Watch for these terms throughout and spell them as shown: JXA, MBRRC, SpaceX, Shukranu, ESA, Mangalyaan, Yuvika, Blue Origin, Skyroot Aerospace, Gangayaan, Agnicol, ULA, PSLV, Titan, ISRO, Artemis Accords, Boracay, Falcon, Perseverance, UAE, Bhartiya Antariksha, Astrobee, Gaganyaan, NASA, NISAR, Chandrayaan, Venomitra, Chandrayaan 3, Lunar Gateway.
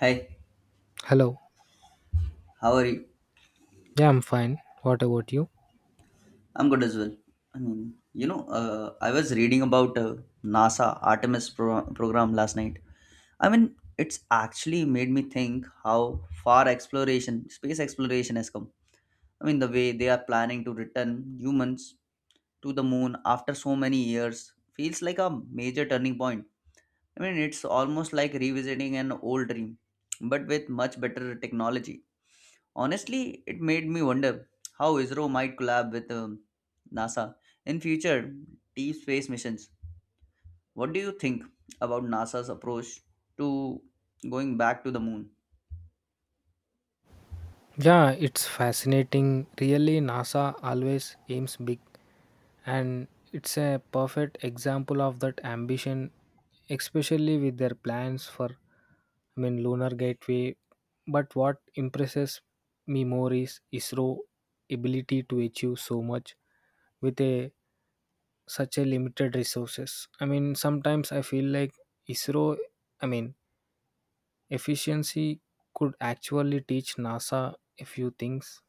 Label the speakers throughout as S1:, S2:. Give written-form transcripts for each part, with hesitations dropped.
S1: Hi,
S2: Hello.
S1: how are you?
S2: Yeah, I'm fine. What about you?
S1: I'm good as well. I was reading about NASA program last night. It's actually made me think how far exploration, space exploration has come. The way they are planning to return humans to the moon after so many years feels like a major turning point. It's almost like revisiting an old dream, but with much better technology. Honestly, it made me wonder how ISRO might collab with NASA in future deep space missions. What do you think about NASA's approach to going back to the moon?
S2: Yeah, it's fascinating. Really, NASA always aims big, and it's a perfect example of that ambition, especially with their plans for, Lunar Gateway. But what impresses me more is ISRO ability to achieve so much with a such a limited resources. I mean, sometimes I feel like ISRO. I mean, efficiency could actually teach NASA a few things.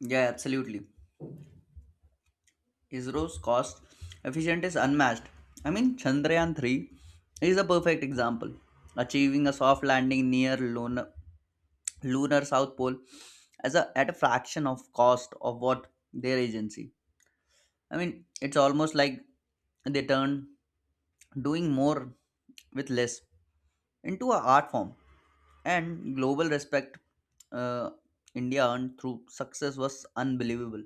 S1: Yeah, absolutely. ISRO's cost efficient is unmatched. Chandrayaan 3 is a perfect example, achieving a soft landing near lunar South Pole at a fraction of cost of what their agency. It's almost like they turned doing more with less into an art form, and global respect uh, India earned through success was unbelievable.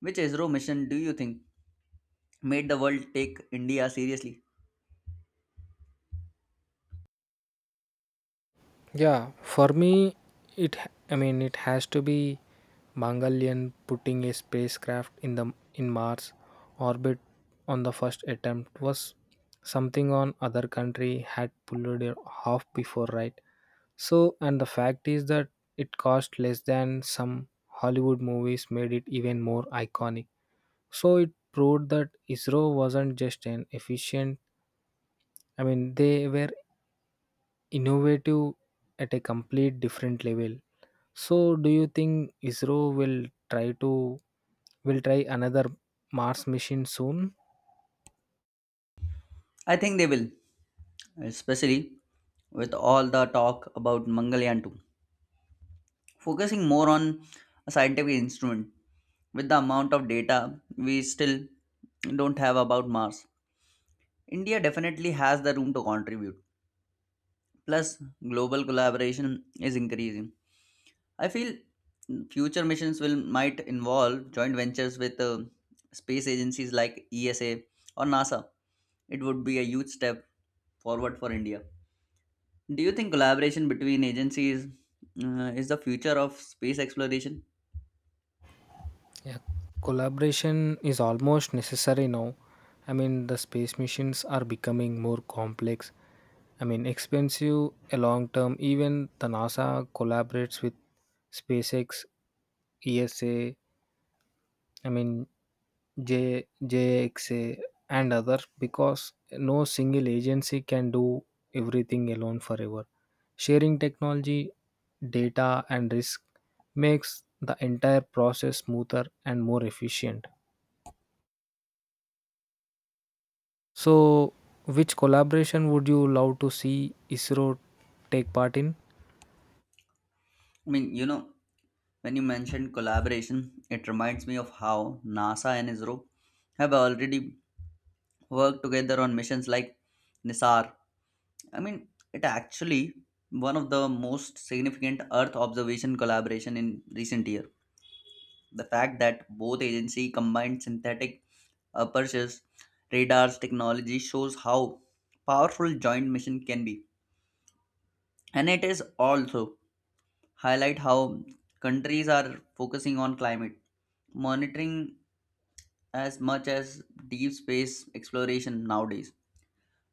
S1: Which ISRO mission do you think made the world take India seriously?
S2: Yeah, for me, it h- I mean it has to be Mongolian putting a spacecraft in the in Mars orbit on the first attempt was something on other country had pulled it off before, right? So, and the fact is that it cost less than some Hollywood movies made it even more iconic. So it proved that ISRO wasn't just an efficient. They were innovative at a complete different level. So, do you think ISRO will try to will try another Mars mission soon?
S1: I think they will, especially with all the talk about Mangalyaan 2, focusing more on a scientific instrument with the amount of data we still don't have about Mars. India definitely has the room to contribute. Plus, global collaboration is increasing. I feel future missions will might involve joint ventures with space agencies like ESA or NASA. It would be a huge step forward for India. Do you think collaboration between agencies is the future of space exploration?
S2: Yeah, collaboration is almost necessary now. I mean, the space missions are becoming more complex. I mean, expensive, a long term. Even the NASA collaborates with SpaceX, ESA. I mean, JXA, and others because no single agency can do everything alone forever. Sharing technology, data, and risk makes the entire process smoother and more efficient. So, which collaboration would you love to see ISRO take part in?
S1: I mean, you know, when you mentioned collaboration, it reminds me of how NASA and ISRO have already worked together on missions like NISAR. It actually one of the most significant Earth observation collaboration in recent year. The fact that both agency combined synthetic apertures radars technology shows how powerful joint mission can be, and it is also highlight how countries are focusing on climate monitoring as much as deep space exploration nowadays.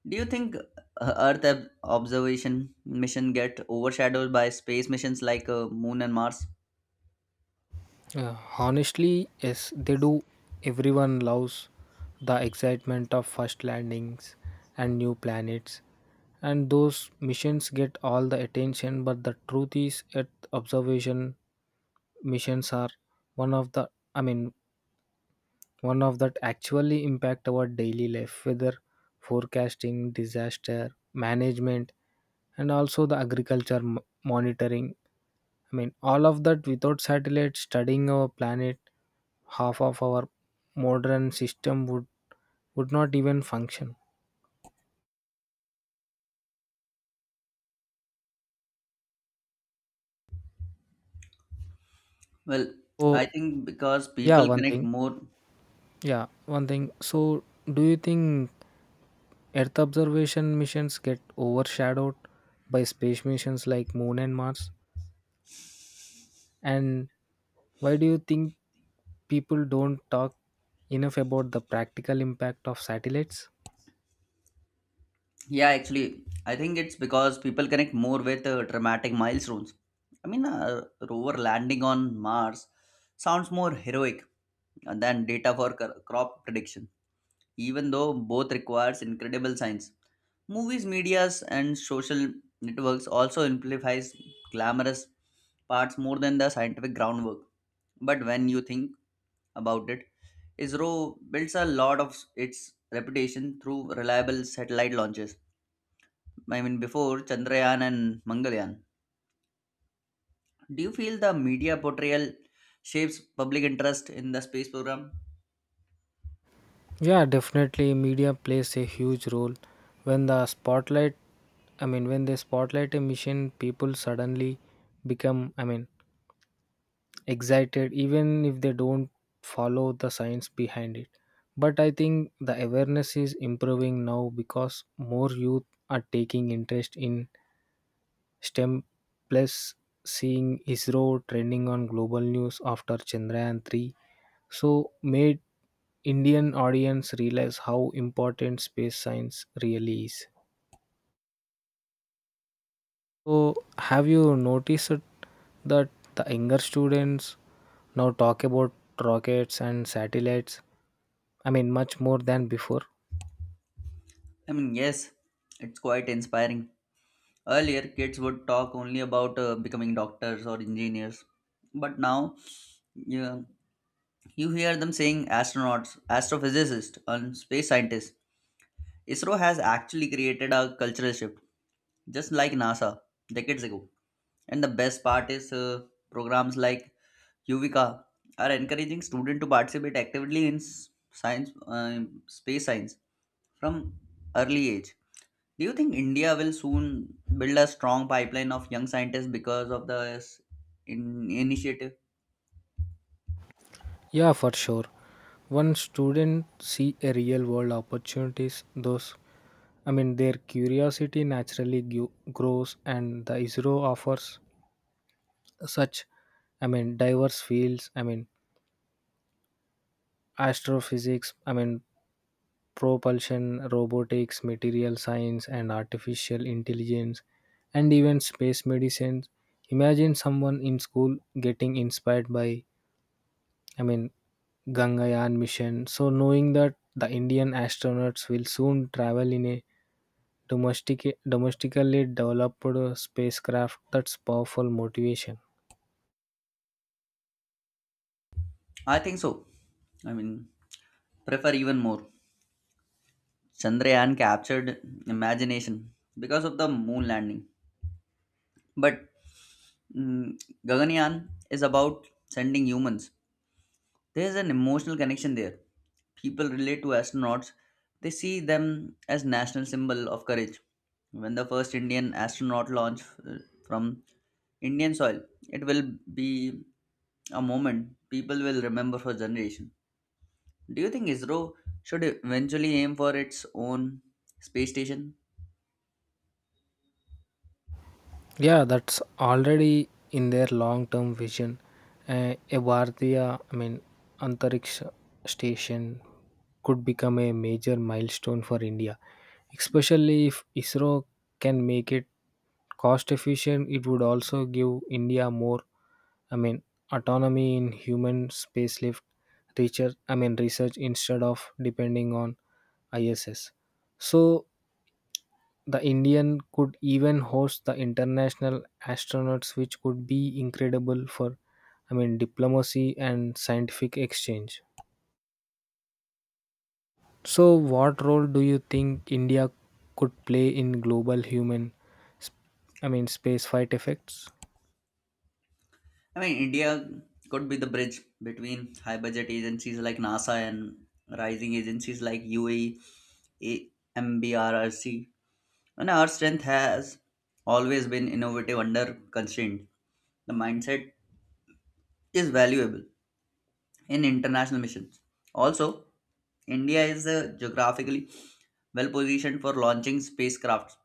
S1: Do you think observation mission get overshadowed by space missions like Moon and Mars?
S2: Honestly, yes, they do. Everyone loves the excitement of first landings and new planets, and those missions get all the attention. But the truth is, Earth observation missions are one of the, I mean, one of that actually impact our daily life, whether forecasting, disaster management, and also the monitoring. I mean, all of that without satellite studying our planet half of our modern system would not even function
S1: Well,
S2: so
S1: I think because
S2: yeah
S1: people
S2: one
S1: connect
S2: thing
S1: more.
S2: yeah one thing so do you think earth observation missions get overshadowed by space missions like moon and mars and why do you think people don't talk enough about the practical impact of satellites
S1: Yeah, actually, I think it's because people connect more with dramatic milestones. A rover landing on Mars sounds more heroic than data for crop prediction, even though both requires incredible science. Movies, medias, and social networks also amplifies glamorous parts more than the scientific groundwork. But when you think about it, ISRO builds a lot of its reputation through reliable satellite launches. Before Chandrayaan and Mangalyaan. Do you feel the media portrayal shapes public interest in the space program?
S2: yeah definitely media plays a huge role when the spotlight when they spotlight a mission people suddenly become excited even if they don't follow the science behind it but I think the awareness is improving now because more youth are taking interest in stem plus seeing isro trending on global news after chandrayaan 3 so made indian audience realize how important space science really is so have you noticed that the younger students now talk about rockets and satellites. Much more than before.
S1: Yes, it's quite inspiring. Earlier, kids would talk only about becoming doctors or engineers, but now you, you hear them saying astronauts, astrophysicists, and space scientists. ISRO has actually created a cultural shift, just like NASA decades ago. And the best part is programs like Yuvika are encouraging students to participate actively in science, space science from early age. Do you think India will soon build a strong pipeline of young scientists because of this initiative?
S2: Yeah, for sure. When students see a real world opportunities, their curiosity naturally grows, and the ISRO offers such, diverse fields. I mean, astrophysics. I mean, propulsion, robotics, material science, and artificial intelligence, and even space medicine. Imagine someone in school getting inspired by, I mean, Gangayaan mission. So knowing that the Indian astronauts will soon travel in a domestically developed spacecraft, that's powerful motivation.
S1: I think so. I mean, Prefer even more. Chandrayaan captured imagination because of the moon landing. But mm, Gaganyaan is about sending humans. There is an emotional connection there. People relate to astronauts. They see them as national symbol of courage. When the first Indian astronaut launch uh, from Indian soil, it will be a moment people will remember for generation. Do you think ISRO should eventually aim for its own space station?
S2: Yeah, that's already in their long-term vision. A Bhartiya, Antariksha station could become a major milestone for India, especially if ISRO can make it cost efficient. It would also give India more. I mean, autonomy in human spacelift research instead of depending on ISS. So, the Indian could even host the international astronauts, which could be incredible for, diplomacy and scientific exchange. So, what role do you think India could play in global human, sp- space fight effects?
S1: India could be the bridge between high budget agencies like NASA and rising agencies like UAE, MBRRC. And our strength has always been innovative under constraint. The mindset is valuable in international missions. Also, India is geographically well positioned for launching spacecrafts,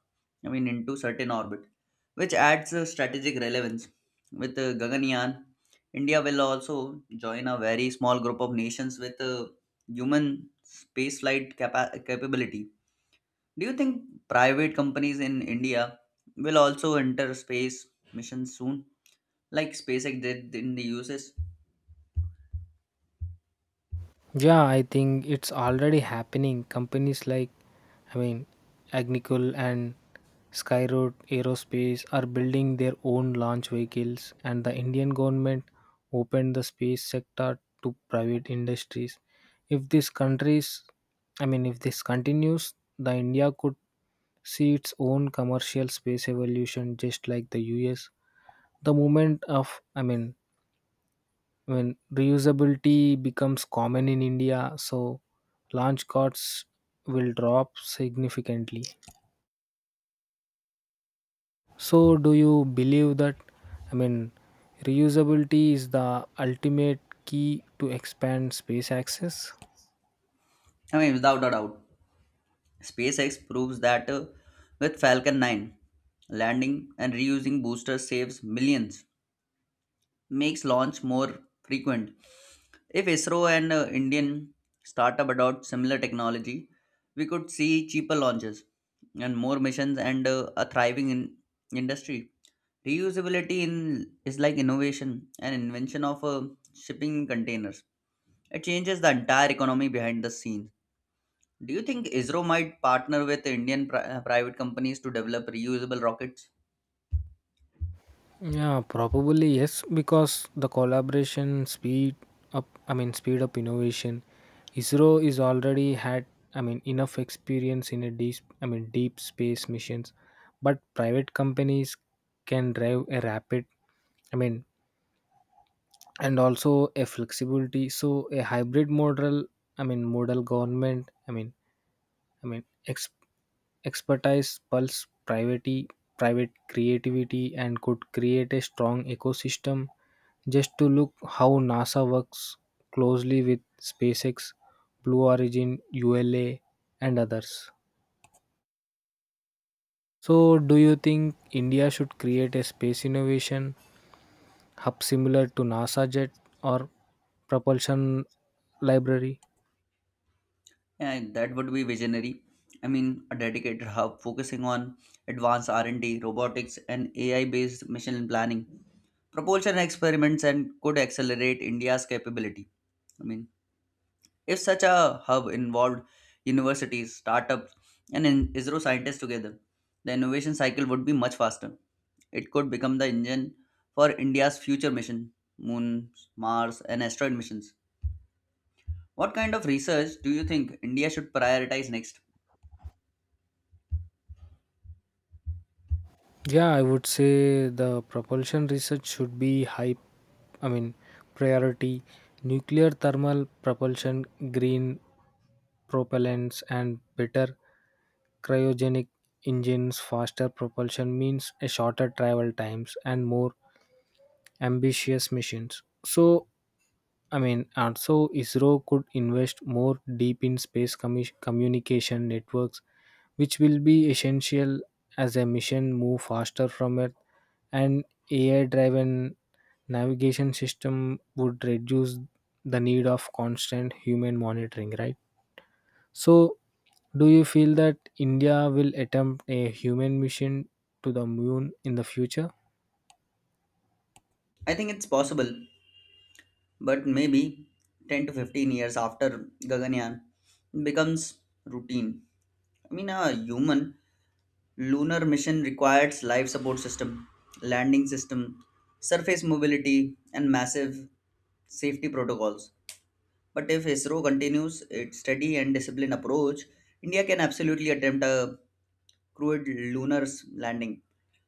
S1: into certain orbit, which adds strategic relevance. With Gaganyaan, India will also join a very small group of nations with capability. Do you think private companies in India will also enter space missions soon, like SpaceX did in the US?
S2: Yeah, I think it's already happening. Companies like, I mean, Agnicol and Skyroad Aerospace are building their own launch vehicles, and the Indian government opened the space sector to private industries. If this countries, I mean, if this continues, the India could see its own commercial space evolution, just like the US. The movement of, when reusability becomes common in India, so launch costs will drop significantly. So, do you believe that? I mean, reusability is the ultimate key to expand space access?
S1: Without a doubt. SpaceX proves that with Falcon 9, landing and reusing boosters saves millions, makes launch more frequent. If ISRO and Indian startup adopt similar technology, we could see cheaper launches and more missions and a thriving industry. Reusability in is like innovation and invention of shipping containers. It changes the entire economy behind the scenes. Do you think ISRO might partner with Indian private companies to develop reusable rockets?
S2: Yeah, probably yes, because the collaboration speed up, I mean, speed up innovation. ISRO is already had, enough experience in a deep space missions, but private companies can drive a rapid, I mean, and also a flexibility. So a hybrid model, government, I mean, ex- expertise, pulse, privacy, private creativity, and could create a strong ecosystem. Just to look how NASA works closely with SpaceX, Blue Origin, ULA, and others. So, do you think India should create a space innovation hub similar to NASA Jet or propulsion library?
S1: Yeah, that would be visionary. A dedicated hub focusing on advanced R&D, robotics, and AI-based mission planning, propulsion experiments, and could accelerate India's capability. I mean, if such a hub involved universities, startups, and ISRO scientists together, the innovation cycle would be much faster. It could become the engine for India's future mission, moon, Mars, and asteroid missions. What kind of research do you think India should prioritize next?
S2: Yeah, I would say the propulsion research should be high, I mean, priority. Nuclear thermal propulsion, green propellants, and better cryogenic engines, faster propulsion means a shorter travel times and more ambitious missions. So, also ISRO could invest more deep in space communication networks, which will be essential as a mission move faster from Earth. An AI driven navigation system would reduce the need of constant human monitoring, right? So, do you feel that India will attempt a human mission to the moon in the future?
S1: I think it's possible, but maybe 10 to 15 years after Gaganyaan becomes routine. A human lunar mission requires life support system, landing system, surface mobility, and massive safety protocols. But if ISRO continues its steady and disciplined approach, India can absolutely attempt a crewed landing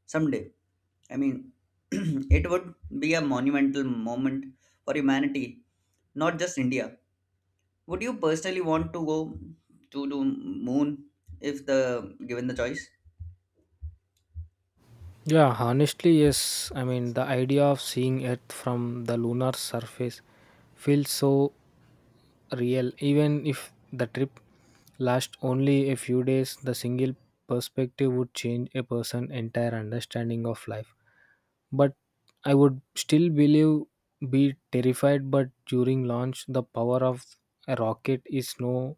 S1: someday. I mean, it would be a monumental moment for humanity, not just India. Would you personally want to go to the moon if the given the choice?
S2: Yeah, honestly, yes. I mean, the idea of seeing Earth from the lunar surface feels so real. Even if the trip lasts only a few days, the single perspective would change a person's entire understanding of life. But I would still believe be terrified but during launch the power of a rocket is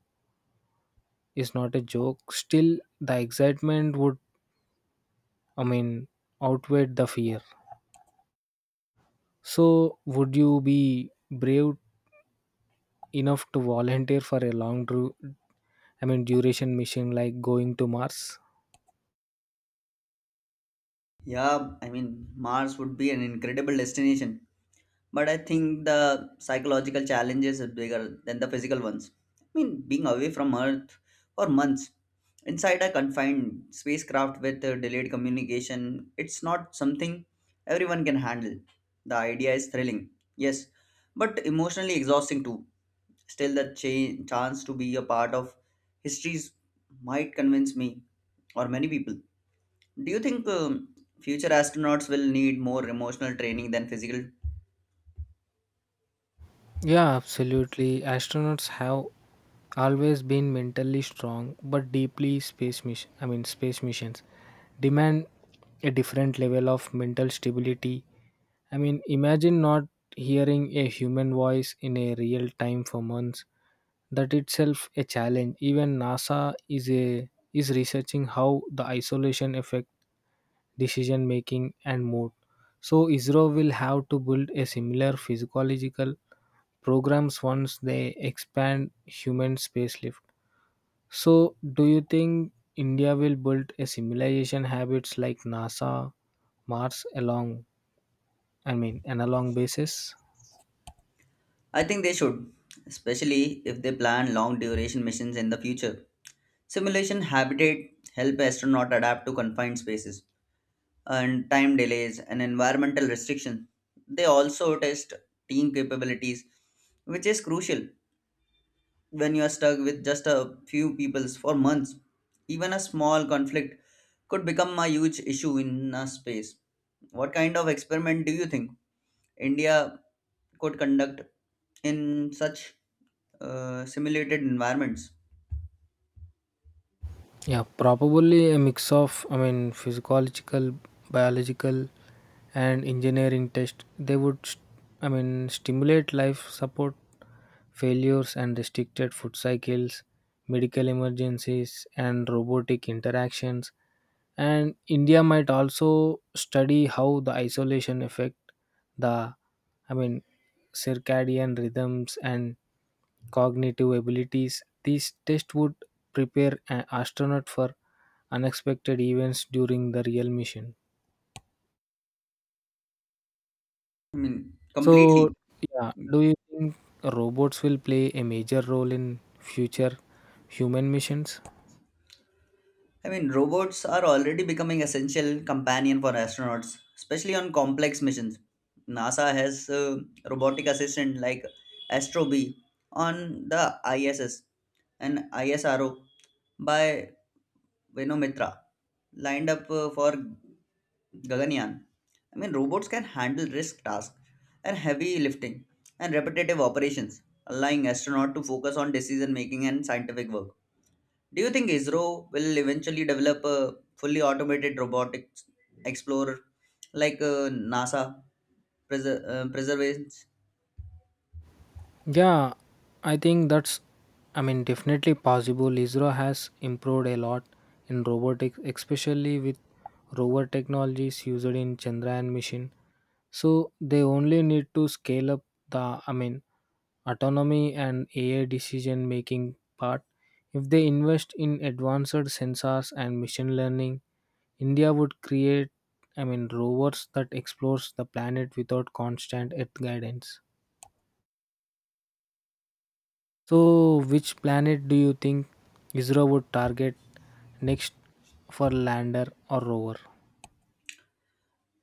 S2: is not a joke. Still the excitement would I mean outweigh the fear. So would you be brave enough to volunteer for a long duration mission like going to Mars?
S1: Yeah, Mars would be an incredible destination, but I think the psychological challenges is bigger than the physical ones. Being away from Earth for months inside a confined spacecraft with delayed communication, it's not something everyone can handle. The idea is thrilling, yes, but emotionally exhausting too. Still, the chance to be a part of histories might convince me or many people. Do you think future astronauts will need more emotional training than physical?
S2: Yeah, absolutely. Astronauts have always been mentally strong but deeply space missions demand a different level of mental stability. I mean imagine not hearing a human voice in a real time for months. That itself a challenge. Even NASA is researching how the isolation affect decision making and mood. So Israel will have to build a similar physiological programs once they expand human spacelift. So, do you think India will build a civilization habits like NASA, Mars along, an along basis?
S1: I think they should, especially if they plan long duration missions in the future. Simulation habitat help astronaut adapt to confined spaces, and time delays and environmental restrictions. They also test team capabilities, which is crucial when you are stuck with just a few peoples for months. Even a small conflict could become a huge issue in a space. What kind of experiment do you think India could conduct in such simulated environments?
S2: Yeah, probably a mix of, physiological, biological, and engineering test. They would, stimulate life support failures and restricted food cycles, medical emergencies, and robotic interactions and india might also study how the isolation affect the i mean circadian rhythms and cognitive abilities these tests would prepare an astronaut for unexpected events during the real mission so
S1: Completely.
S2: yeah do you think robots will play a major role in future human missions.
S1: Robots are already becoming essential companion for astronauts, especially on complex missions. NASA has a robotic assistant like Astrobee on the ISS, and ISRO by Venomitra lined up for Gaganyaan. Robots can handle risk tasks and heavy lifting and repetitive operations, allowing astronauts to focus on decision making and scientific work. Do you think ISRO will eventually develop a fully automated robotic explorer like NASA Perseverance?
S2: Yeah, I think that's, definitely possible. Israel has improved a lot in robotics, especially with rover technologies used in Chandrayaan mission. So they only need to scale up the, autonomy and AI decision making part. If they invest in advanced sensors and machine learning, India would create, rovers that explores the planet without constant Earth guidance. So, which planet do you think ISRO would target next for lander or rover?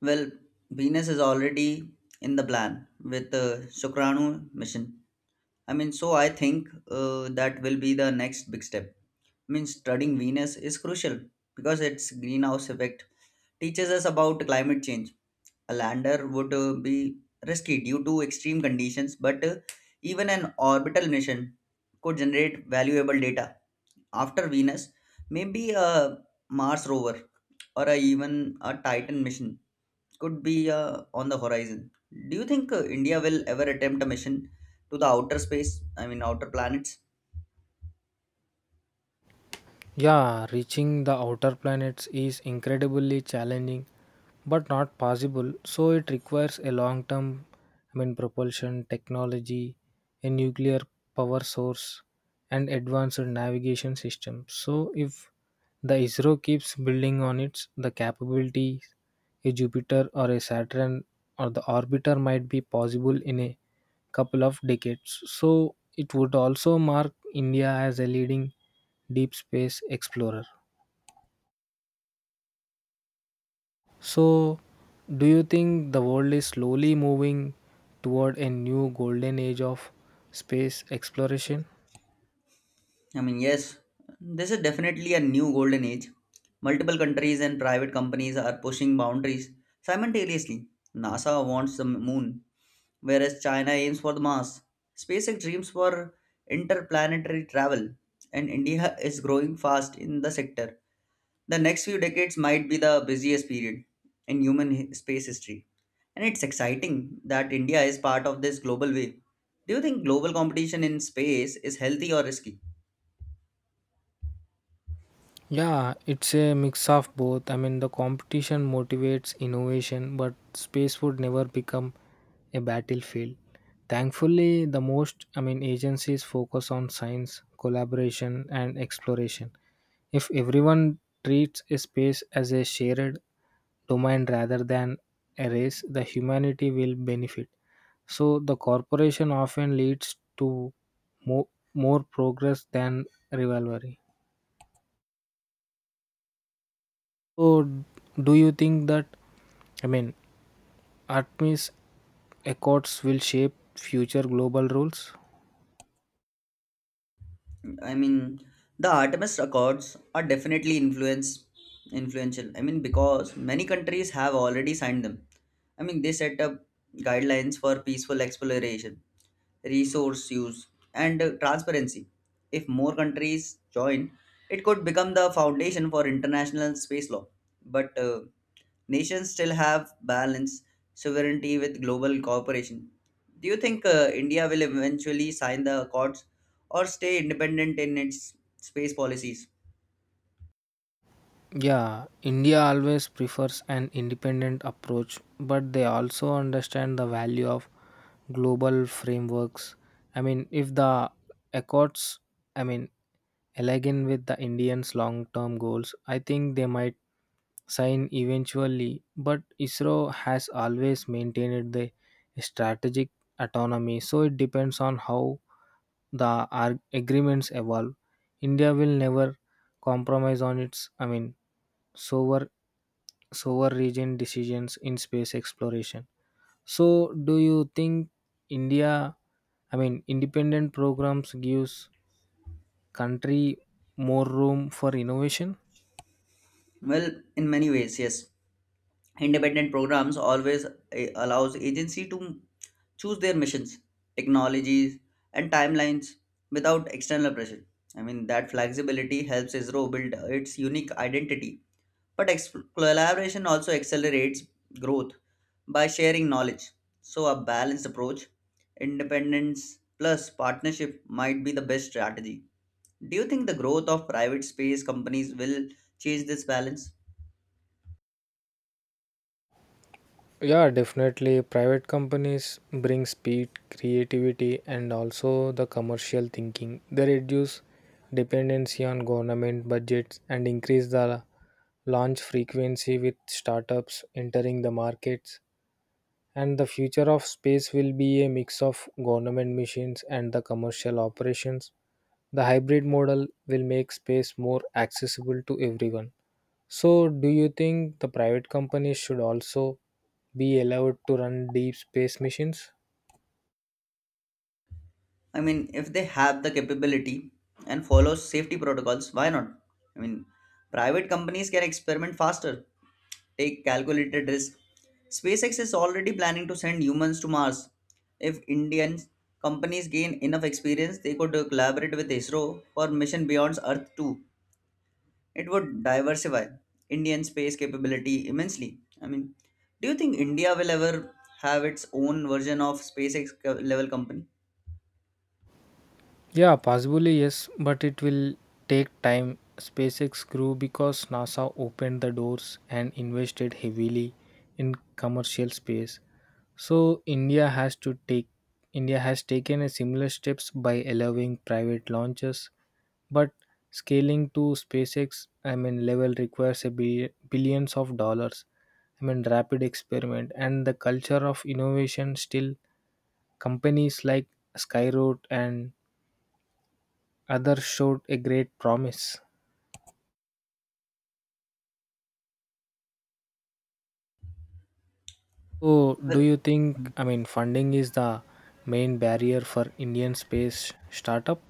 S1: Well, Venus is already in the plan with the Shukranu mission. So I think that will be the next big step. Studying Venus is crucial because its greenhouse effect teaches us about climate change. A lander would be risky due to extreme conditions, but even an orbital mission could generate valuable data. After Venus, maybe a Mars rover even a Titan mission could be on the horizon. Do you think India will ever attempt a mission to the outer space? Outer planets?
S2: Yeah, reaching the outer planets is incredibly challenging but not possible. So it requires a long term propulsion technology, a nuclear power source and advanced navigation systems. So if the ISRO keeps building on its the capabilities a Jupiter or a Saturn or the orbiter might be possible in a couple of decades. So it would also mark India as a leading deep space explorer. So, do you think the world is slowly moving toward a new golden age of space exploration?
S1: Yes, this is definitely a new golden age. Multiple countries and private companies are pushing boundaries simultaneously. NASA wants the moon, whereas China aims for the Mars. SpaceX dreams for interplanetary travel, and India is growing fast in the sector. The next few decades might be the busiest period in space history, and it's exciting that India is part of this global wave. Do you think global competition in space is healthy or risky?
S2: Yeah, it's a mix of both. I mean, the competition motivates innovation, but space would never become a battlefield. Thankfully, the most, agencies focus on science, collaboration, and exploration. If everyone treats a space as a shared domain rather than a race, the humanity will benefit. So the corporation often leads to more, more progress than rivalry. So do you think that I mean Artemis Accords will shape future global rules?
S1: I mean, the Artemis Accords are definitely influence influential. Because many countries have already signed them. They set up guidelines for peaceful exploration, resource use, and transparency. If more countries join, it could become the foundation for international space law. But nations still have balance sovereignty with global cooperation. Do you think India will eventually sign the accords or stay independent in its space policies?
S2: Yeah, India always prefers an independent approach, but they also understand the value of global frameworks. I mean, if the accords, I mean, align with the Indians' long term goals, I think they might sign eventually. But ISRO has always maintained the strategic autonomy, so it depends on how the agreements evolve. India will never compromise on its, so sovereign region decisions in space exploration so do you think india independent programs gives country more room for innovation.
S1: Well, in many ways, yes. Independent programs always allows agency to choose their missions, technologies, and timelines without external pressure. That flexibility helps ISRO build its unique identity. But collaboration also accelerates growth by sharing knowledge. So, a balanced approach, independence plus partnership might be the best strategy. Do you think the growth of private space companies will change this balance?
S2: Yeah, definitely. Private companies bring speed, creativity, and also the commercial thinking. They reduce dependency on government budgets and increase the launch frequency with startups entering the markets. And the future of space will be a mix of government missions and the commercial operations. The hybrid model will make space more accessible to everyone. So, do you think the private companies should also be allowed to run deep space missions?
S1: If they have the capability and follow safety protocols, why not? I mean, Private companies can experiment faster take calculated risk. SpaceX is already planning to send humans to Mars. If Indian companies gain enough experience, they could collaborate with ISRO for mission beyond Earth too. It would diversify Indian space capability immensely. Do you think India will ever have its own version of level company?
S2: Yeah, possibly yes, but it will take time. SpaceX grew because NASA opened the doors and invested heavily in commercial space. So India has taken a similar steps by allowing private launches, but scaling to SpaceX, level requires a billions of dollars. I mean, rapid experiment and the culture of innovation. Still, companies like Skyroot and others showed a great promise. So, do
S1: Well,
S2: you think,
S1: Mm.
S2: funding is the main barrier for Indian space startup?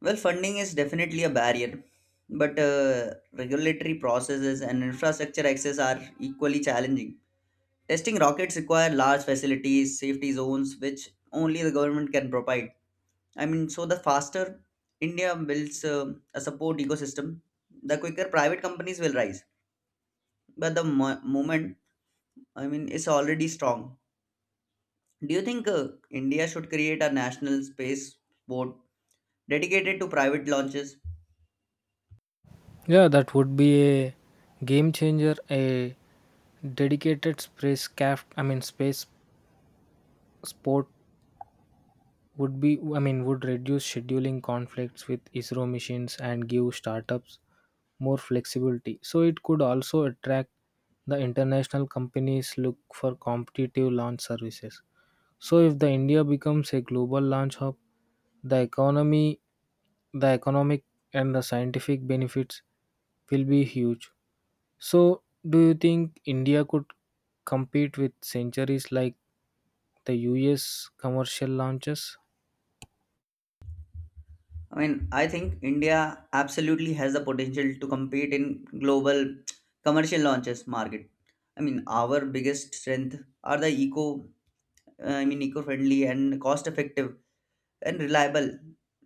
S1: well, funding is definitely a barrier, but regulatory processes and infrastructure access are equally challenging. Testing rockets require large facilities, safety zones, which only the government can provide. So the faster India builds a support ecosystem, the quicker private companies will rise. But the moment, is already strong. Do you think India should create a national space board dedicated to private launches?
S2: Yeah, that would be a game changer. A dedicated spacecraft, space sport would be, would reduce scheduling conflicts with ISRO missions and give startups more flexibility. So, it could also attract the international companies look for competitive launch services. So if the India becomes a global launch hub, the economy, the economic and the scientific benefits will be huge. So do you think India could compete with centuries like the US commercial launches?
S1: I think India absolutely has the potential to compete in global commercial launches market. Our biggest strength are the eco-friendly and cost-effective and reliable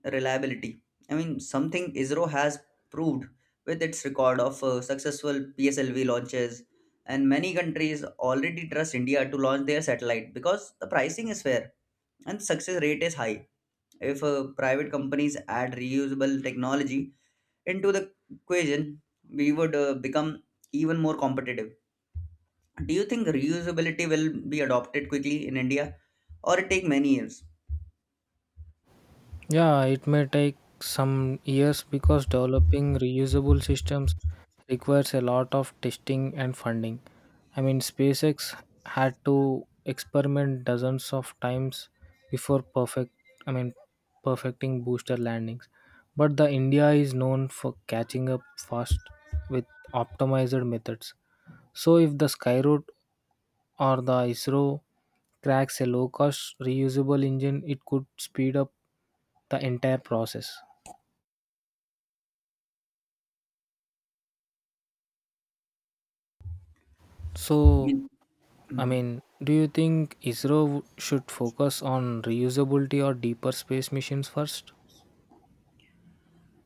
S1: reliability. Something ISRO has proved with its record of successful PSLV launches, and many countries already trust India to launch their satellite because the pricing is fair and success rate is high. If private companies add reusable technology into the equation, we would become even more competitive. Do you think reusability will be adopted quickly in India or it take many years?
S2: Yeah, it may take some years because developing reusable systems requires a lot of testing and funding. I mean, SpaceX had to experiment dozens of times before I mean perfecting booster landings. But the India is known for catching up fast with optimized methods. So if the skyroot or the ISRO cracks a low cost reusable engine, it could speed up the entire process.
S1: I
S2: So,
S1: mean, mm,
S2: do you think ISRO should focus on reusability or deeper space missions first?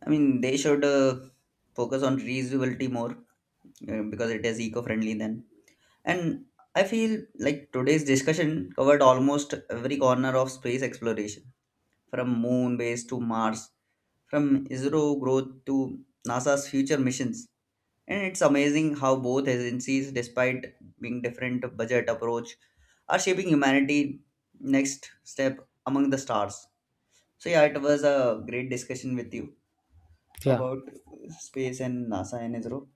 S1: they should focus on reusability more because it is eco-friendly then. And I feel like today's discussion covered almost every corner of space exploration, from moon base to Mars, from ISRO growth to NASA's future missions. And it's amazing how both agencies, despite being different budget approach, are shaping humanity next step among the stars. So yeah, it was a great discussion with you
S2: Yeah,
S1: about space and NASA and ISRO.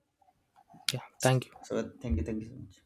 S2: yeah, thank you.
S1: So thank you so much.